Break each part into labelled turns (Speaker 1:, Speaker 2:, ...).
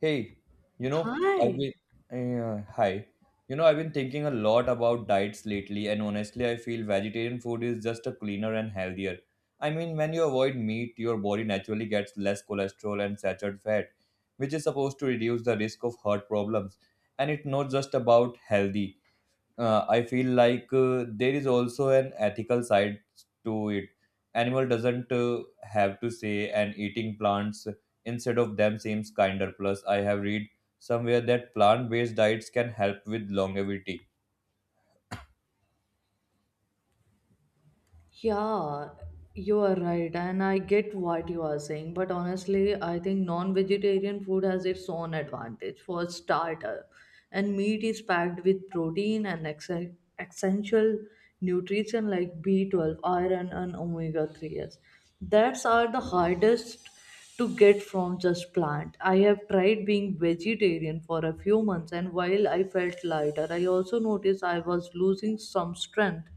Speaker 1: Hey, you know, I've
Speaker 2: Hi.
Speaker 1: been hi. You know, I've been thinking a lot about diets lately, and honestly, I feel vegetarian food is just a cleaner and healthier. I mean, when you avoid meat, your body naturally gets less cholesterol and saturated fat, which is supposed to reduce the risk of heart problems. And it's not just about healthy I feel like there is also an ethical side to it. Animal doesn't have to say, and eating plants instead of them seems kinder. Plus, I have read somewhere that plant-based diets can help with longevity.
Speaker 2: Yeah, you are right, and I get what you are saying, but honestly, I think non-vegetarian food has its own advantage for starter, and meat is packed with protein and ex essential nutrition like B12, iron, and omega-3s. That's are the hardest to get from just plant. I have tried being vegetarian for a few months, and while I felt lighter, I also noticed I was losing some strength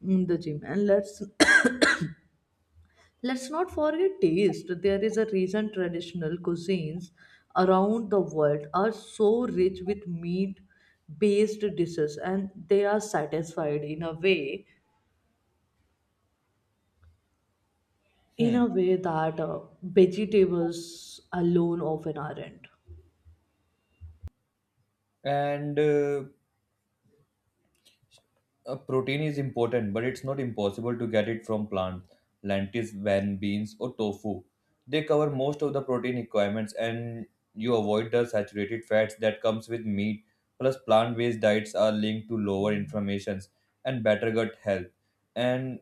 Speaker 2: in the gym, and let's let's not forget taste. There is a reason traditional cuisines around the world are so rich with meat based dishes, and they are satisfied in
Speaker 1: Hmm.
Speaker 2: a way that vegetables alone often aren't.
Speaker 1: And Protein is important, but it's not impossible to get it from plants, lentils, van beans, or tofu. They cover most of the protein requirements, and you avoid the saturated fats that comes with meat. Plus, plant-based diets are linked to lower inflammations and better gut health. And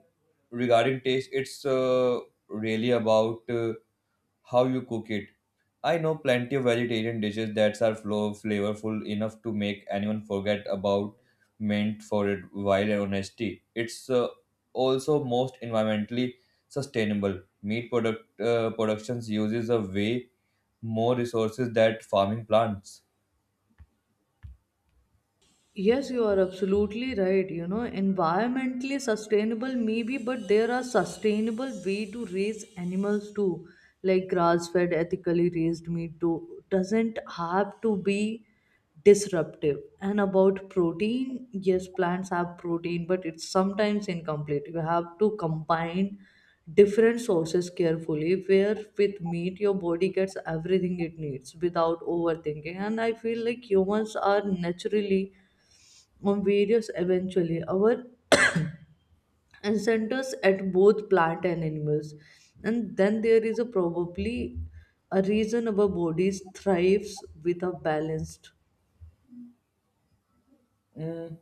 Speaker 1: regarding taste, it's really about how you cook it. I know plenty of vegetarian dishes that are flavorful enough to make anyone forget about meant for it while honesty. It's also most environmentally sustainable. Meat product productions uses a way more resources that farming plants.
Speaker 2: Yes, you are absolutely right. You know, environmentally sustainable, maybe, but there are sustainable way to raise animals too, like grass-fed, ethically raised meat too. Doesn't have to be disruptive. And about protein, yes, plants have protein, but it's sometimes incomplete. You have to combine different sources carefully. Where with meat, your body gets everything it needs without overthinking. And I feel like humans are naturally on various eventually our incentives at both plant and animals, and then there is a probably a reason our bodies thrives with a balanced.
Speaker 1: Mm.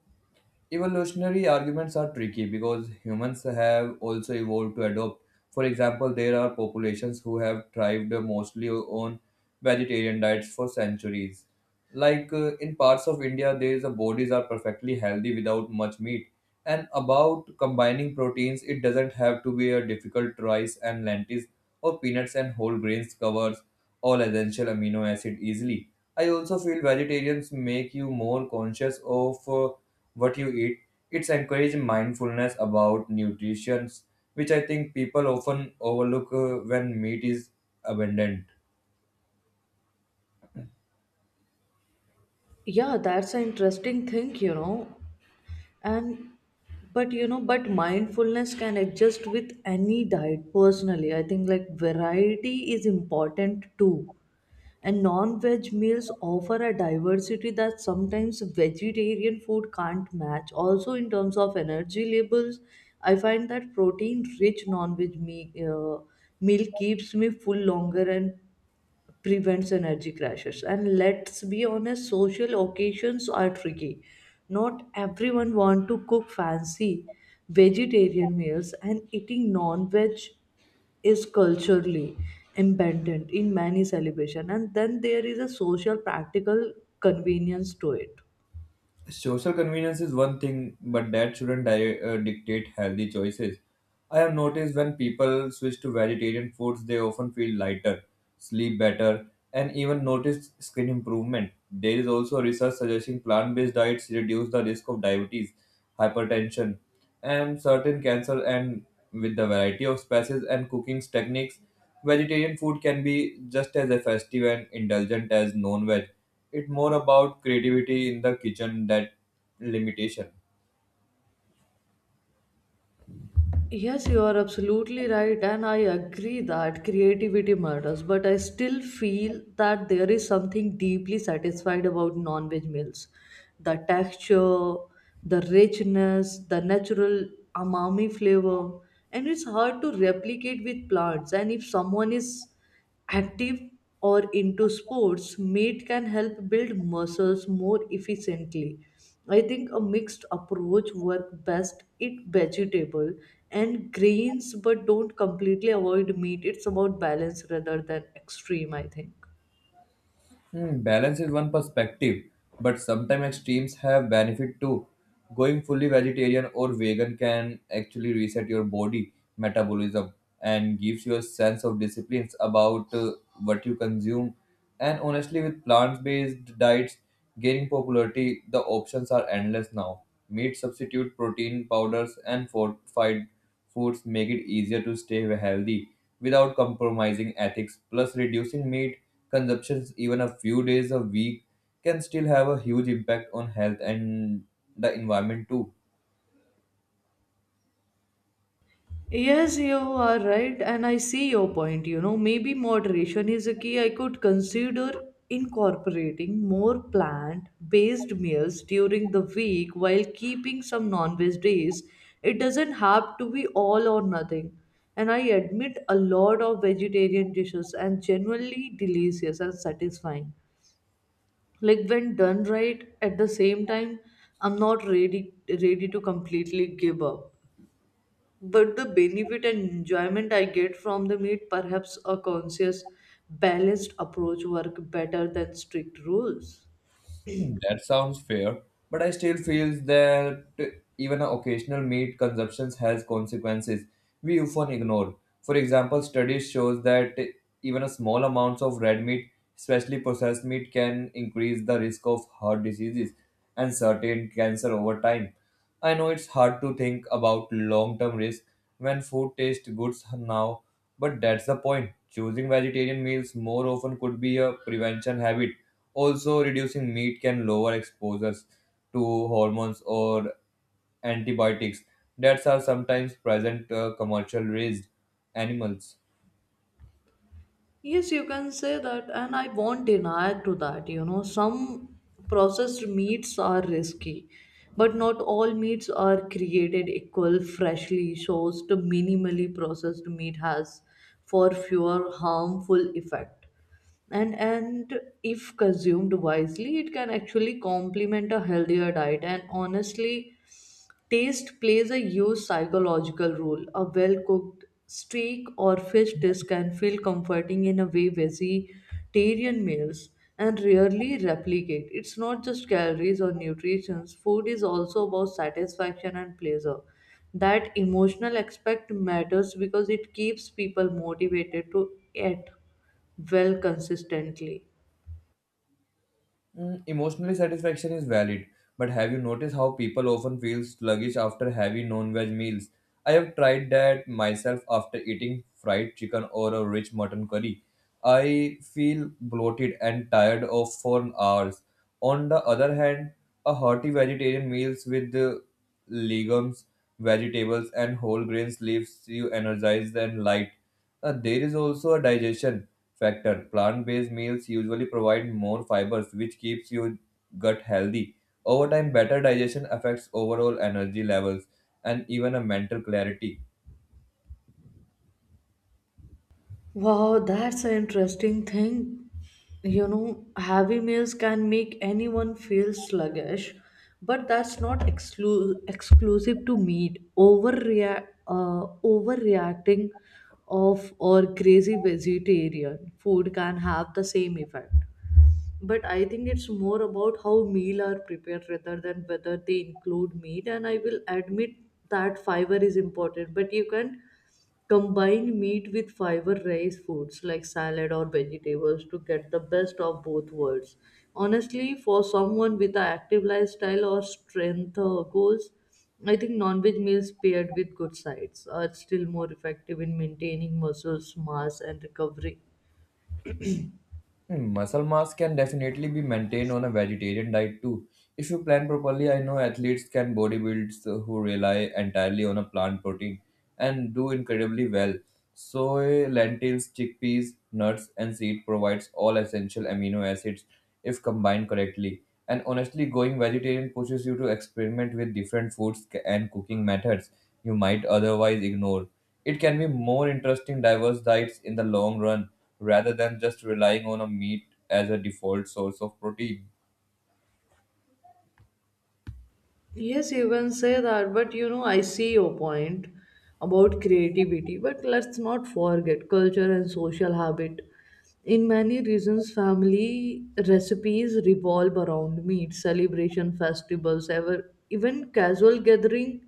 Speaker 1: Evolutionary arguments are tricky because humans have also evolved to adopt. For example, there are populations who have thrived mostly on vegetarian diets for centuries. Like in parts of India, there is a bodies are perfectly healthy without much meat. And about combining proteins, it doesn't have to be a difficult rice and lentils or peanuts and whole grains covers all essential amino acid easily. I also feel vegetarians make you more conscious of. What you eat. It's encourage mindfulness about nutrition, which I think people often overlook when meat is abundant.
Speaker 2: Yeah, that's an interesting thing, you know, and but you know but mindfulness can adjust with any diet. Personally, I think like variety is important too. And non veg meals offer a diversity that sometimes vegetarian food can't match. Also, in terms of energy labels, I find that protein rich non veg me meal keeps me full longer and prevents energy crashes. And let's be honest, social occasions are tricky. Not everyone want to cook fancy vegetarian meals, and eating non-veg is culturally embedded in many celebration, and then there is a social practical convenience to it.
Speaker 1: Social convenience is one thing, but that shouldn't dictate healthy choices. I have noticed when people switch to vegetarian foods, they often feel lighter, sleep better, and even notice skin improvement. There is also research suggesting plant based diets reduce the risk of diabetes, hypertension, and certain cancer. And with the variety of spices and cooking techniques, vegetarian food can be just as effective and indulgent as non veg. It's more about creativity in the kitchen that limitation.
Speaker 2: Yes, you are absolutely right, and I agree that creativity matters, but I still feel that there is something deeply satisfied about non veg meals. The texture, the richness, the natural umami flavor, and it's hard to replicate with plants. And if someone is active or into sports, meat can help build muscles more efficiently. I think a mixed approach works best. Eat vegetable and grains, but don't completely avoid meat. It's about balance rather than extreme, I think.
Speaker 1: Hmm, balance is one perspective, but sometimes extremes have benefit too. Going fully vegetarian or vegan can actually reset your body metabolism and gives you a sense of disciplines about what you consume. And honestly, with plant-based diets gaining popularity, the options are endless now. Meat substitute, protein powders, and fortified foods make it easier to stay healthy without compromising ethics. Plus, reducing meat consumption even a few days a week can still have a huge impact on health and the environment too.
Speaker 2: Yes, you are right, and I see your point. You know, maybe moderation is a key. I could consider incorporating more plant based meals during the week while keeping some non veg days. It doesn't have to be all or nothing. And I admit a lot of vegetarian dishes and genuinely delicious and satisfying. Like when done right, at the same time, I'm not ready to completely give up, but the benefit and enjoyment I get from the meat, perhaps a conscious, balanced approach work better than strict rules.
Speaker 1: That sounds fair, but I still feel that even an occasional meat consumption has consequences we often ignore. For example, studies shows that even a small amounts of red meat, especially processed meat, can increase the risk of heart diseases and certain cancer over time. I know it's hard to think about long term risk when food tastes good now, but that's the point. Choosing vegetarian meals more often could be a prevention habit. Also, reducing meat can lower exposures to hormones or antibiotics that are sometimes present commercial raised animals.
Speaker 2: Yes, you can say that, and I won't deny to that. You know, some processed meats are risky, but not all meats are created equal. Freshly sourced, minimally processed meat has for fewer harmful effect. And if consumed wisely, it can actually complement a healthier diet. And honestly, taste plays a huge psychological role. A well cooked steak or fish dish can feel comforting in a way vegetarian meals and rarely replicate. It's not just calories or nutrition, food is also about satisfaction and pleasure. That emotional aspect matters because it keeps people motivated to eat well consistently.
Speaker 1: Mm, emotionally satisfaction is valid, but have you noticed how people often feel sluggish after heavy non-veg meals? I have tried that myself after eating fried chicken or a rich mutton curry. I feel bloated and tired of for hours. On the other hand, a hearty vegetarian meals with the legumes, vegetables, and whole grains leaves you energized and light. There is also a digestion factor. Plant based meals usually provide more fibers, which keeps your gut healthy. Over time, better digestion affects overall energy levels and even a mental clarity.
Speaker 2: Wow, that's an interesting thing. You know, heavy meals can make anyone feel sluggish, but that's not exclusive to meat. Overreacting of or crazy vegetarian food can have the same effect. But I think it's more about how meal are prepared rather than whether they include meat. And I will admit that fiber is important, but you can combine meat with fiber rice foods like salad or vegetables to get the best of both worlds. Honestly, for someone with an active lifestyle or strength goals, I think non veg meals paired with good sides are still more effective in maintaining muscles, mass, and recovery.
Speaker 1: Hmm, muscle mass can definitely be maintained on a vegetarian diet too. If you plan properly, I know athletes can bodybuilders who rely entirely on a plant protein and do incredibly well. Soy, lentils, chickpeas, nuts, and seed provides all essential amino acids if combined correctly. And honestly, going vegetarian pushes you to experiment with different foods and cooking methods you might otherwise ignore. It can be more interesting diverse diets in the long run rather than just relying on a meat as a default source of protein.
Speaker 2: Yes, you can say that, but you know, I see your point about creativity, but let's not forget culture and social habit. In many regions, family recipes revolve around meat, celebration, festivals, even casual gathering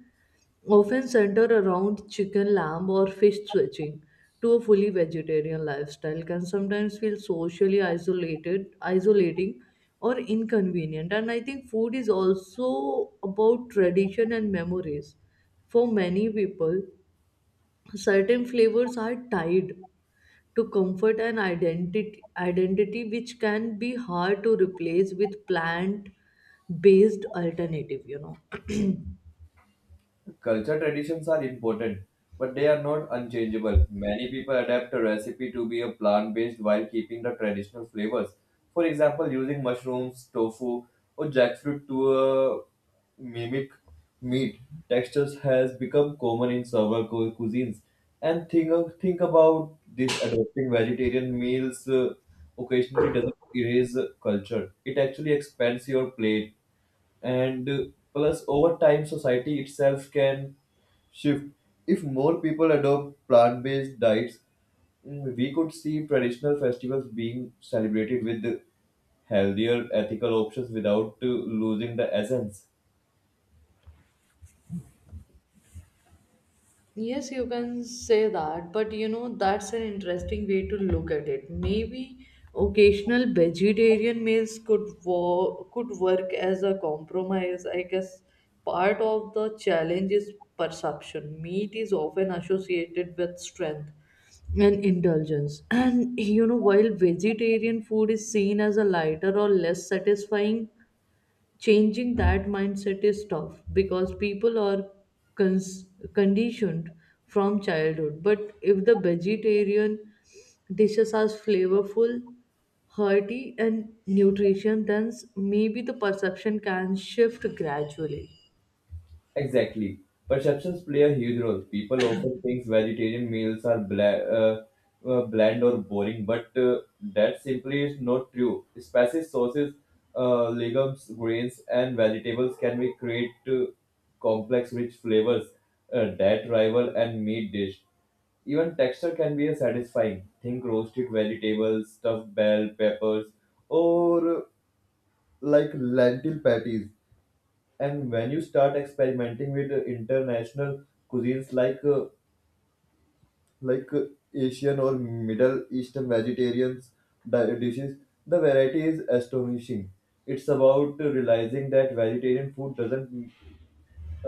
Speaker 2: often center around chicken, lamb, or fish. Switching to a fully vegetarian lifestyle can sometimes feel socially isolating, or inconvenient. And I think food is also about tradition and memories. For many people, certain flavors are tied to comfort and identity, which can be hard to replace with plant based alternative, you know.
Speaker 1: Culture traditions are important, but they are not unchangeable. Many people adapt a recipe to be a plant-based while keeping the traditional flavors. For example, using mushrooms, tofu, or jackfruit to mimic meat textures has become common in several cuisines. And think about this: adopting vegetarian meals occasionally doesn't erase culture. It actually expands your plate and plus over time society itself can shift if more people adopt plant-based diets. Mm, we could see traditional festivals being celebrated with healthier ethical options without losing the essence.
Speaker 2: Yes, you can say that, but you know, that's an interesting way to look at it. Maybe occasional vegetarian meals could work as a compromise. I guess part of the challenge is perception. Meat is often associated with strength and indulgence. And you know, while vegetarian food is seen as a lighter or less satisfying, changing that mindset is tough because people are cons- conditioned from childhood. But if the vegetarian dishes are flavorful, hearty, and nutrition, then maybe the perception can shift gradually.
Speaker 1: Exactly. Perceptions play a huge role. People often think vegetarian meals are bland or boring, but that simply is not true. Spices, sauces, legumes, grains, and vegetables can be create complex, rich flavors that rival and meat dish. Even texture can be a satisfying. Think roasted vegetables, stuffed bell peppers, or like lentil patties. And when you start experimenting with international cuisines like uh, asian or middle eastern vegetarian dishes, the variety is astonishing. It's about realizing that vegetarian food doesn't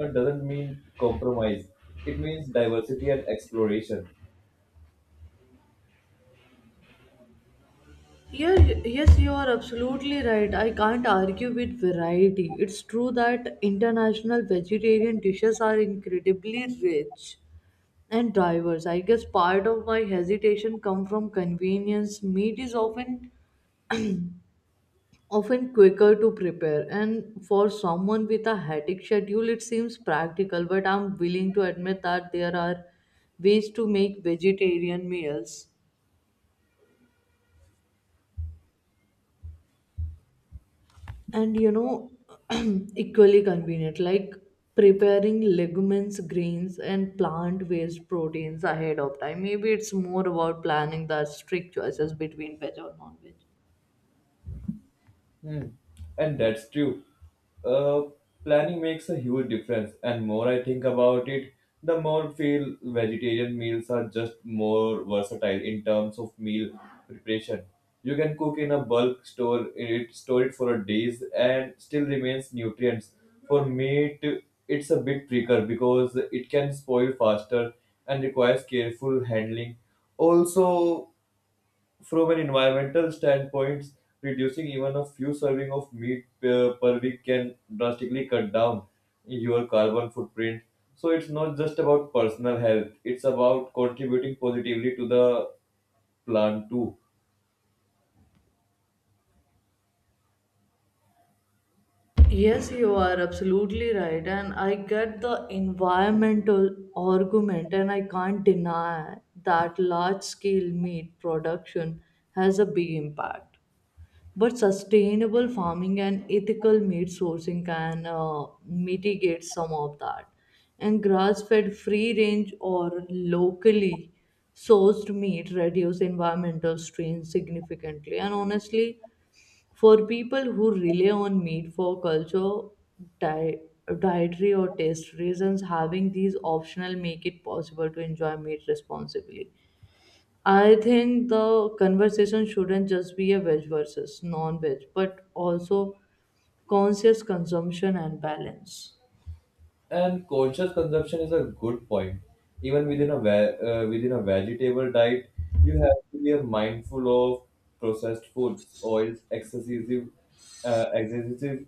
Speaker 1: uh, doesn't mean compromise. It means diversity and exploration.
Speaker 2: Yeah, yes, you are absolutely right. I can't argue with variety. It's true that international vegetarian dishes are incredibly rich and drivers. I guess part of my hesitation come from convenience. Meat is often quicker to prepare, and for someone with a hectic schedule, it seems practical, but I'm willing to admit that there are ways to make vegetarian meals, and you know, equally convenient, like preparing legumes, grains, and plant based proteins ahead of time. Maybe it's more about planning the strict choices between veg or non veg.
Speaker 1: Hmm. And that's true. Uh, Planning makes a huge difference, and more I think about it, the more feel vegetarian meals are just more versatile in terms of meal preparation. You can cook in a bulk, store it for days, and still remains nutrients. For meat, it's a bit trickier because it can spoil faster and requires careful handling. Also, from an environmental standpoint, reducing even a few serving of meat per week can drastically cut down your carbon footprint. So it's not just about personal health; it's about contributing positively to the plant too.
Speaker 2: Yes, you are absolutely right, and I get the environmental argument, and I can't deny that large scale meat production has a big impact. But sustainable farming and ethical meat sourcing can mitigate some of that. And grass fed, free range, or locally sourced meat reduce environmental strain significantly. And honestly, for people who rely on meat for culture, di- dietary, or taste reasons, having these optional make it possible to enjoy meat responsibly. I think the conversation shouldn't just be a veg versus non veg, but also conscious consumption and balance.
Speaker 1: And conscious consumption is a good point. Even within a vegetable diet, you have to be mindful of processed foods, oils, excessive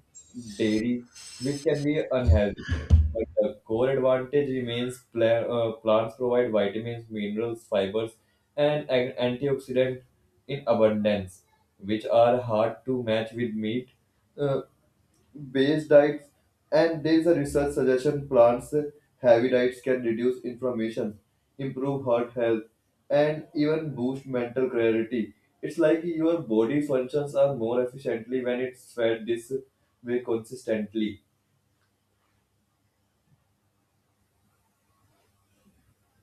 Speaker 1: dairy, which can be unhealthy. But the core advantage remains plants provide vitamins, minerals, fibers, and antioxidant in abundance, which are hard to match with meat. Uh, Base diets, and there is a research suggestion plants heavy diets can reduce inflammation, improve heart health, and even boost mental clarity. It's like your body functions are more efficiently when it's fed this way consistently.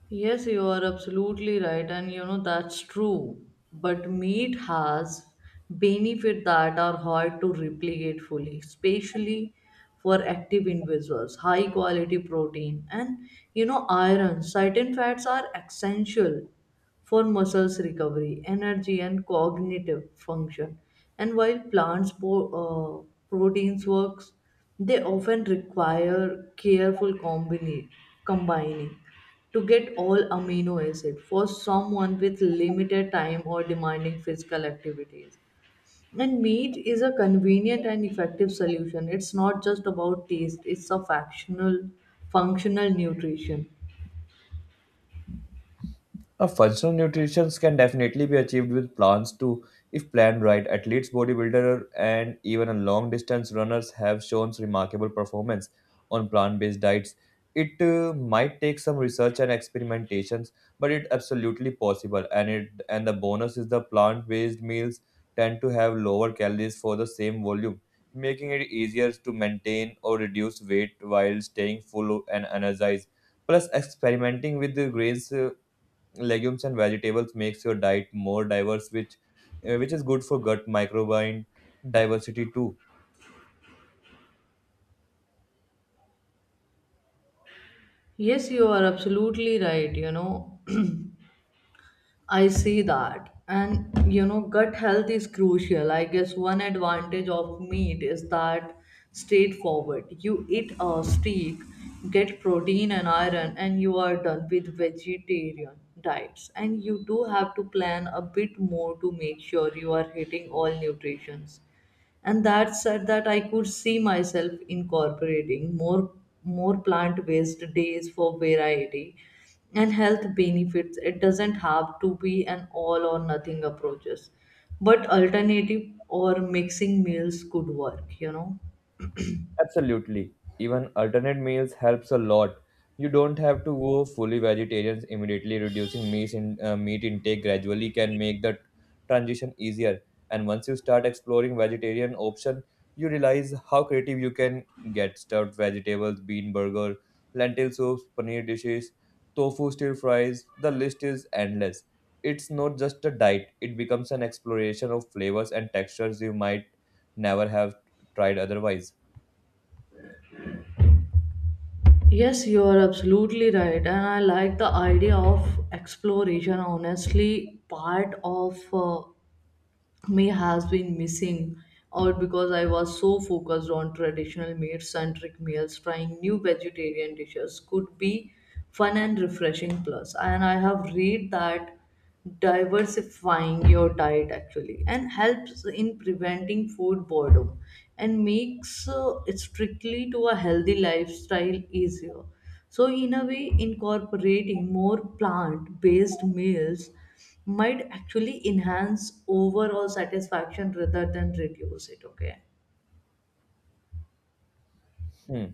Speaker 2: Yes, you are absolutely right, and you know that's true. But meat has benefit that are hard to replicate fully, especially for active individuals. High quality protein and you know iron, certain fats are essential for muscles recovery, energy, and cognitive function. And while proteins works, they often require combining to get all amino acid for someone with limited time or demanding physical activities. And meat is a convenient and effective solution. It's not just about taste, it's a functional nutrition.
Speaker 1: A functional nutrition can definitely be achieved with plans too, if planned right. Athletes, bodybuilders, and even a long distance runners have shown remarkable performance on plant based diets. It might take some research and experimentations, but it's absolutely possible. And the bonus is the plant based meals tend to have lower calories for the same volume, making it easier to maintain or reduce weight while staying full and energized. Plus, experimenting with the grains. Legumes and vegetables makes your diet more diverse, which is good for gut microbiome diversity too.
Speaker 2: Yes, you are absolutely right. You know, I see that. And you know, gut health is crucial. I guess one advantage of meat is that straightforward. You eat a steak, get protein and iron, and you are done with vegetarian diets. And you do have to plan a bit more to make sure you are hitting all nutrients. And that said, that I could see myself incorporating more plant based days for variety and health benefits. It doesn't have to be an all or nothing approaches, but alternative or mixing meals could work, you know.
Speaker 1: Absolutely. Even alternate meals helps a lot. You don't have to go fully vegetarian immediately. Reducing meat intake gradually can make the transition easier. And once you start exploring vegetarian option, you realize how creative you can get. Stuffed vegetables, bean burger, lentil soups, paneer dishes, tofu stir fries. The list is endless. It's not just a diet; it becomes an exploration of flavors and textures you might never have tried otherwise.
Speaker 2: Yes, you are absolutely right. And I like the idea of exploration. Honestly, part of me has been missing out because I was so focused on traditional meat centric meals. Trying new vegetarian dishes could be fun and refreshing plus. And I have read that diversifying your diet actually and helps in preventing food boredom and makes strictly to a healthy lifestyle easier. So in a way, incorporating more plant based meals might actually enhance overall satisfaction rather than reduce it, okay.
Speaker 1: Hmm.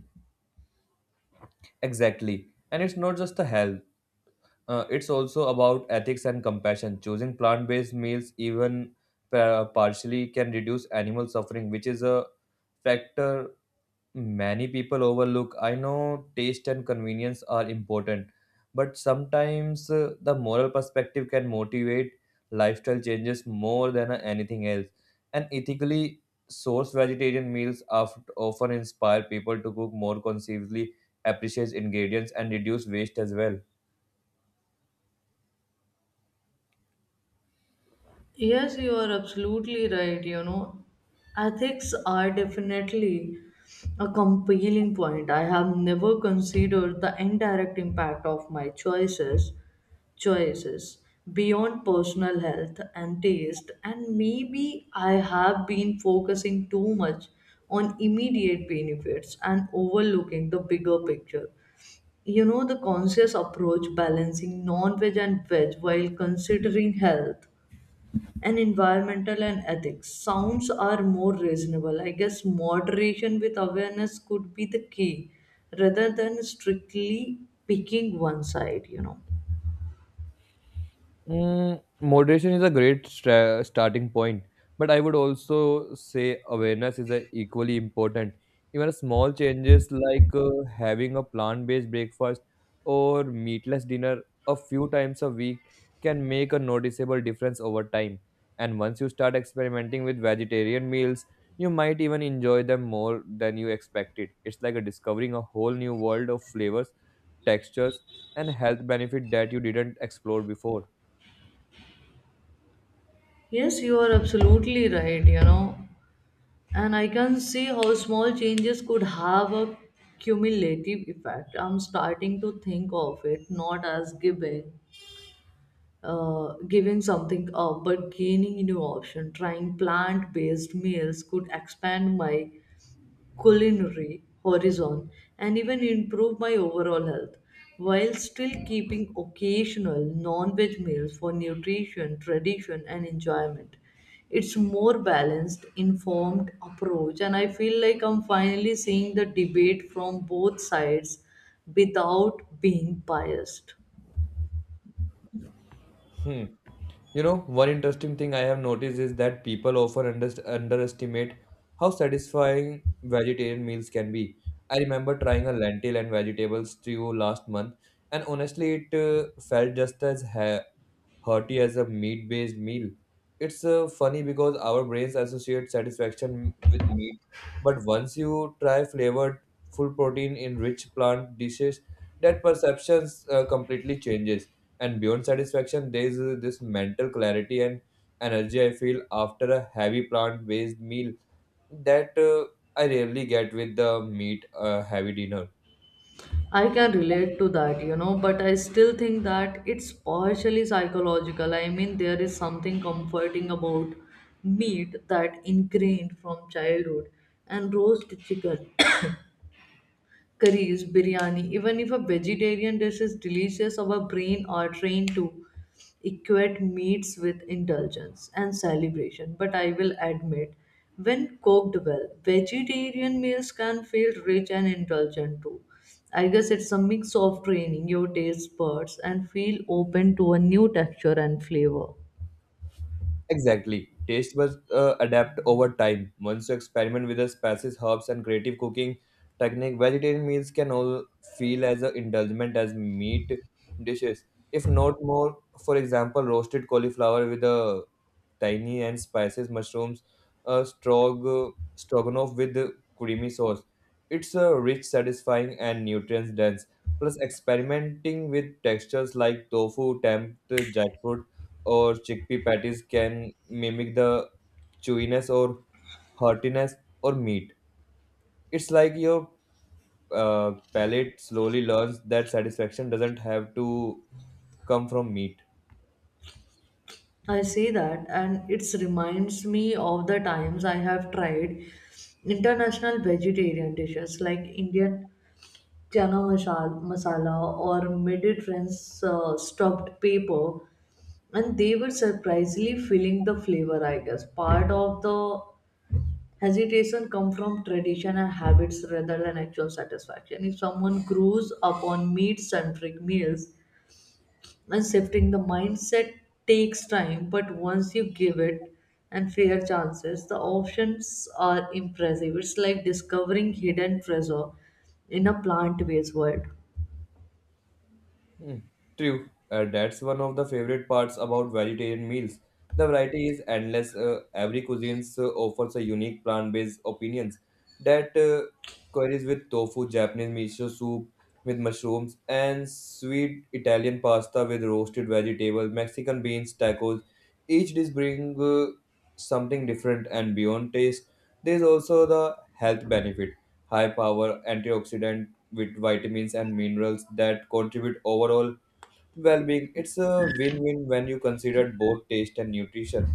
Speaker 1: Exactly. And it's not just the health, it's also about ethics and compassion. Choosing plant based meals, even partially, can reduce animal suffering, which is a factor many people overlook. I know taste and convenience are important, but sometimes the moral perspective can motivate lifestyle changes more than anything else. And ethically sourced vegetarian meals often inspire people to cook more consciously, appreciate ingredients, and reduce waste as well.
Speaker 2: Yes, you are absolutely right. You know, ethics are definitely a compelling point. I have never considered the indirect impact of my choices beyond personal health and taste. And maybe I have been focusing too much on immediate benefits and overlooking the bigger picture. You know, the conscious approach, balancing non-veg and veg while considering health and environmental and ethics sounds are more reasonable. I guess moderation with awareness could be the key rather than strictly picking one side, you know.
Speaker 1: Mm, moderation is a great starting point, but I would also say awareness is a equally important. Even small changes like having a plant-based breakfast or meatless dinner a few times a week can make a noticeable difference over time. And once you start experimenting with vegetarian meals, you might even enjoy them more than you expected. It's like a discovering a whole new world of flavors, textures, and health benefit that you didn't explore before.
Speaker 2: Yes, you are absolutely right, you know, and I can see how small changes could have a cumulative effect. I'm starting to think of it not as giving something up but gaining new option. Trying plant-based meals could expand my culinary horizon and even improve my overall health while still keeping occasional non-veg meals for nutrition, tradition, and enjoyment. It's more balanced informed approach, and I feel like I'm finally seeing the debate from both sides without being biased.
Speaker 1: Hmm. You know, one interesting thing I have noticed is that people often underst underestimate how satisfying vegetarian meals can be. I remember trying a lentil and vegetable stew last month, and honestly, it felt just as ha hearty as a meat based meal. It's funny because our brains associate satisfaction with meat, but once you try flavored, full protein in rich plant dishes, that perception completely changes. And beyond satisfaction, there is this mental clarity and energy I feel after a heavy plant based meal that I rarely get with the meat heavy dinner.
Speaker 2: I can relate to that, you know, but I still think that it's partially psychological. I mean, there is something comforting about meat that ingrained from childhood. And roast chicken, curries, biryani, even if a vegetarian dish is delicious, our brain are trained to equate meats with indulgence and celebration. But I will admit, when cooked well, vegetarian meals can feel rich and indulgent too. I guess it's a mix of training your taste buds and feel open to a new texture and flavor.
Speaker 1: Exactly. Taste buds adapt over time. Once you experiment with the spices, herbs, and creative cooking technique, vegetarian meals can all feel as a indulgent as meat dishes, if not more. For example, roasted cauliflower with a tiny and spices mushrooms, a stroganoff with creamy sauce. It's a rich, satisfying, and nutrients dense. Plus, experimenting with textures like tofu, tempt, jackfruit, or chickpea patties can mimic the chewiness or heartiness or meat. It's like your palate slowly learns that satisfaction doesn't have to come from meat.
Speaker 2: I say that, and it reminds me of the times I have tried international vegetarian dishes like Indian chana masala or Mediterranean's stuffed paper, and they were surprisingly feeling the flavor. I guess part of the hesitation come from tradition and habits rather than actual satisfaction. If someone grows up on meat-centric meals, and shifting the mindset takes time, but once you give it and fair chances, the options are impressive. It's like discovering hidden treasure in a plant-based world.
Speaker 1: Hmm. True. That's one of the favorite parts about vegetarian meals. The variety is endless. Every cuisine offers a unique plant-based opinions that queries with tofu, Japanese miso soup with mushrooms, and sweet Italian pasta with roasted vegetables, Mexican beans, tacos. Each dish brings something different and beyond taste. There is also the health benefit, high power, antioxidant with vitamins and minerals that contribute overall well-being. It's a win-win when you consider both taste and nutrition.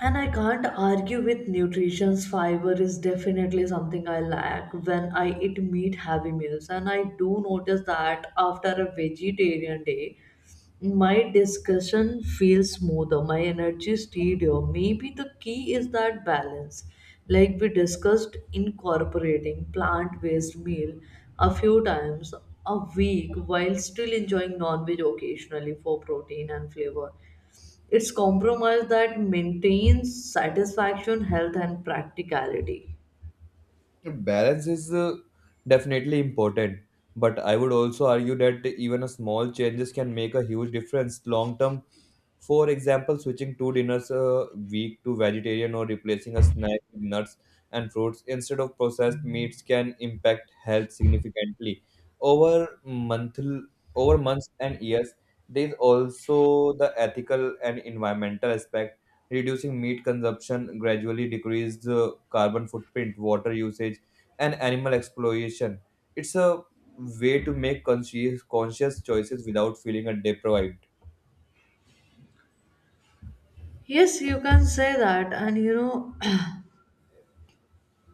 Speaker 2: And I can't argue with nutrition's fiber is definitely something I lack when I eat meat heavy meals. And I do notice that after a vegetarian day, my discussion feels smoother, my energy steadier. Maybe the key is that balance. Like we discussed, incorporating plant based meal a few times a week while still enjoying non veg occasionally for protein and flavor. It's compromise that maintains satisfaction, health, and practicality.
Speaker 1: So, balance is definitely important, but I would also argue that even a small changes can make a huge difference long term. For example, switching two dinners a week to vegetarian or replacing a snack with nuts and fruits instead of processed meats can impact health significantly. Over month, Over months and years, there is also the ethical and environmental aspect. Reducing meat consumption gradually decreases the carbon footprint, water usage, and animal exploitation. It's a way to make conscious choices without feeling a deprived.
Speaker 2: Yes, you can say that, and you know,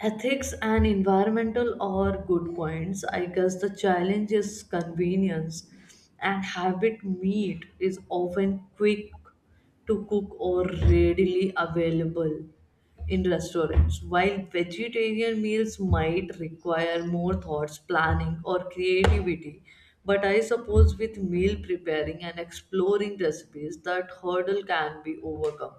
Speaker 2: ethics and environmental are good points. I guess the challenge is convenience, and habit meat is often quick to cook or readily available in restaurants, while vegetarian meals might require more thoughts, planning, or creativity. But I suppose with meal preparing and exploring recipes, that hurdle can be overcome.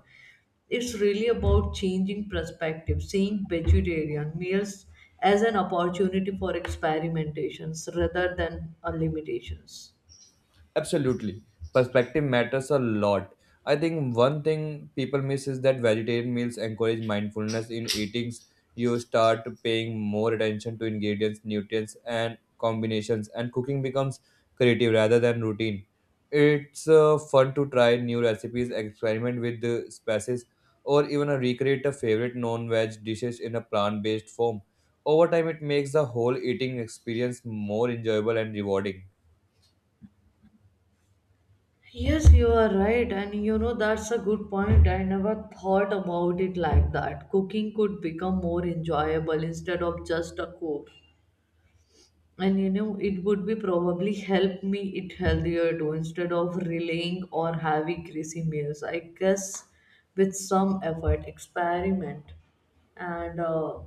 Speaker 2: It's really about changing perspective, seeing vegetarian meals as an opportunity for experimentations rather than a limitations.
Speaker 1: Absolutely. Perspective matters a lot. I think one thing people miss is that vegetarian meals encourage mindfulness in eatings. You start paying more attention to ingredients, nutrients, and combinations, and cooking becomes creative rather than routine. It's fun to try new recipes, experiment with the spices, or even recreate a favorite non veg dishes in a plant based form. Over time, it makes the whole eating experience more enjoyable and rewarding.
Speaker 2: Yes, you are right, and you know that's a good point. I never thought about it like that. Cooking could become more enjoyable instead of just a chore. And you know, it would be probably help me eat healthier too instead of relying on heavy greasy meals. I guess with some effort, experiment, and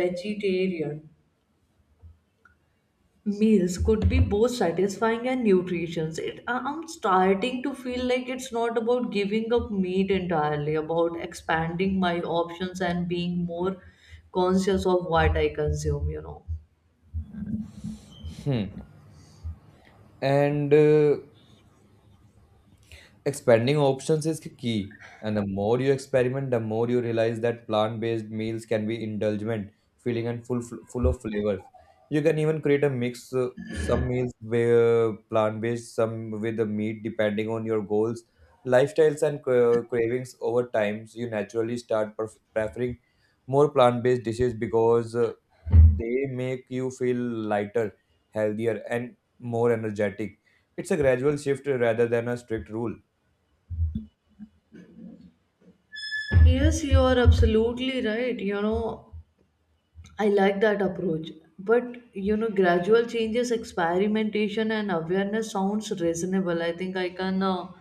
Speaker 2: vegetarian meals could be both satisfying and nutritious. I'm starting to feel like it's not about giving up meat entirely about expanding my options and being more conscious of what I consume, you know.
Speaker 1: And Expanding options is key, and the more you experiment, the more you realize that plant-based meals can be indulgent, filling, and full of flavors. You can even create a mix, some meals where plant-based, some with the meat, depending on your goals, lifestyles, and cravings over time. So you naturally start preferring more plant-based dishes because they make you feel lighter, healthier, and more energetic. It's a gradual shift rather than a strict rule.
Speaker 2: Yes, you are absolutely right. You know, I like that approach. But you know, gradual changes, experimentation, and awareness sounds reasonable. I think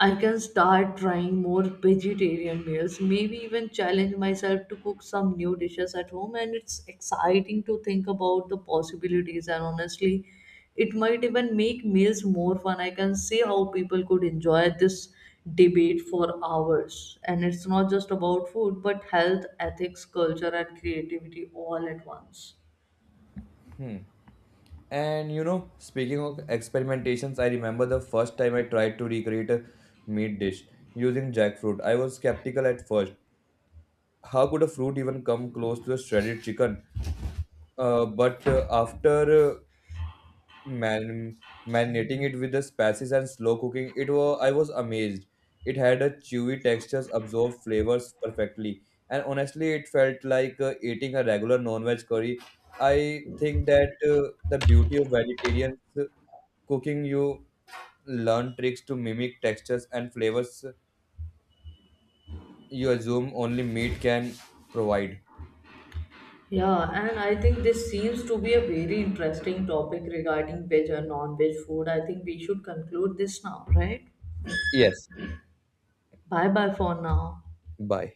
Speaker 2: I can start trying more vegetarian meals, maybe even challenge myself to cook some new dishes at home. And it's exciting to think about the possibilities. And honestly, it might even make meals more fun. I can see how people could enjoy this debate for hours. And it's not just about food, but health, ethics, culture, and creativity all at once.
Speaker 1: And you know, speaking of experimentations, I remember the first time I tried to recreate a meat dish using jackfruit. I was skeptical at first. How could a fruit even come close to a shredded chicken? But after man marinating it with the spices and slow cooking it was I was amazed. It had a chewy textures, absorbed flavors perfectly, and honestly it felt like eating a regular non-veg curry. I think that the beauty of vegetarian cooking, you learn tricks to mimic textures and flavors you assume only meat can provide.
Speaker 2: Yeah, and I think this seems to be a very interesting topic regarding veg and non-veg food. I think we should conclude this now, right?
Speaker 1: Yes.
Speaker 2: Bye bye for now.
Speaker 1: Bye.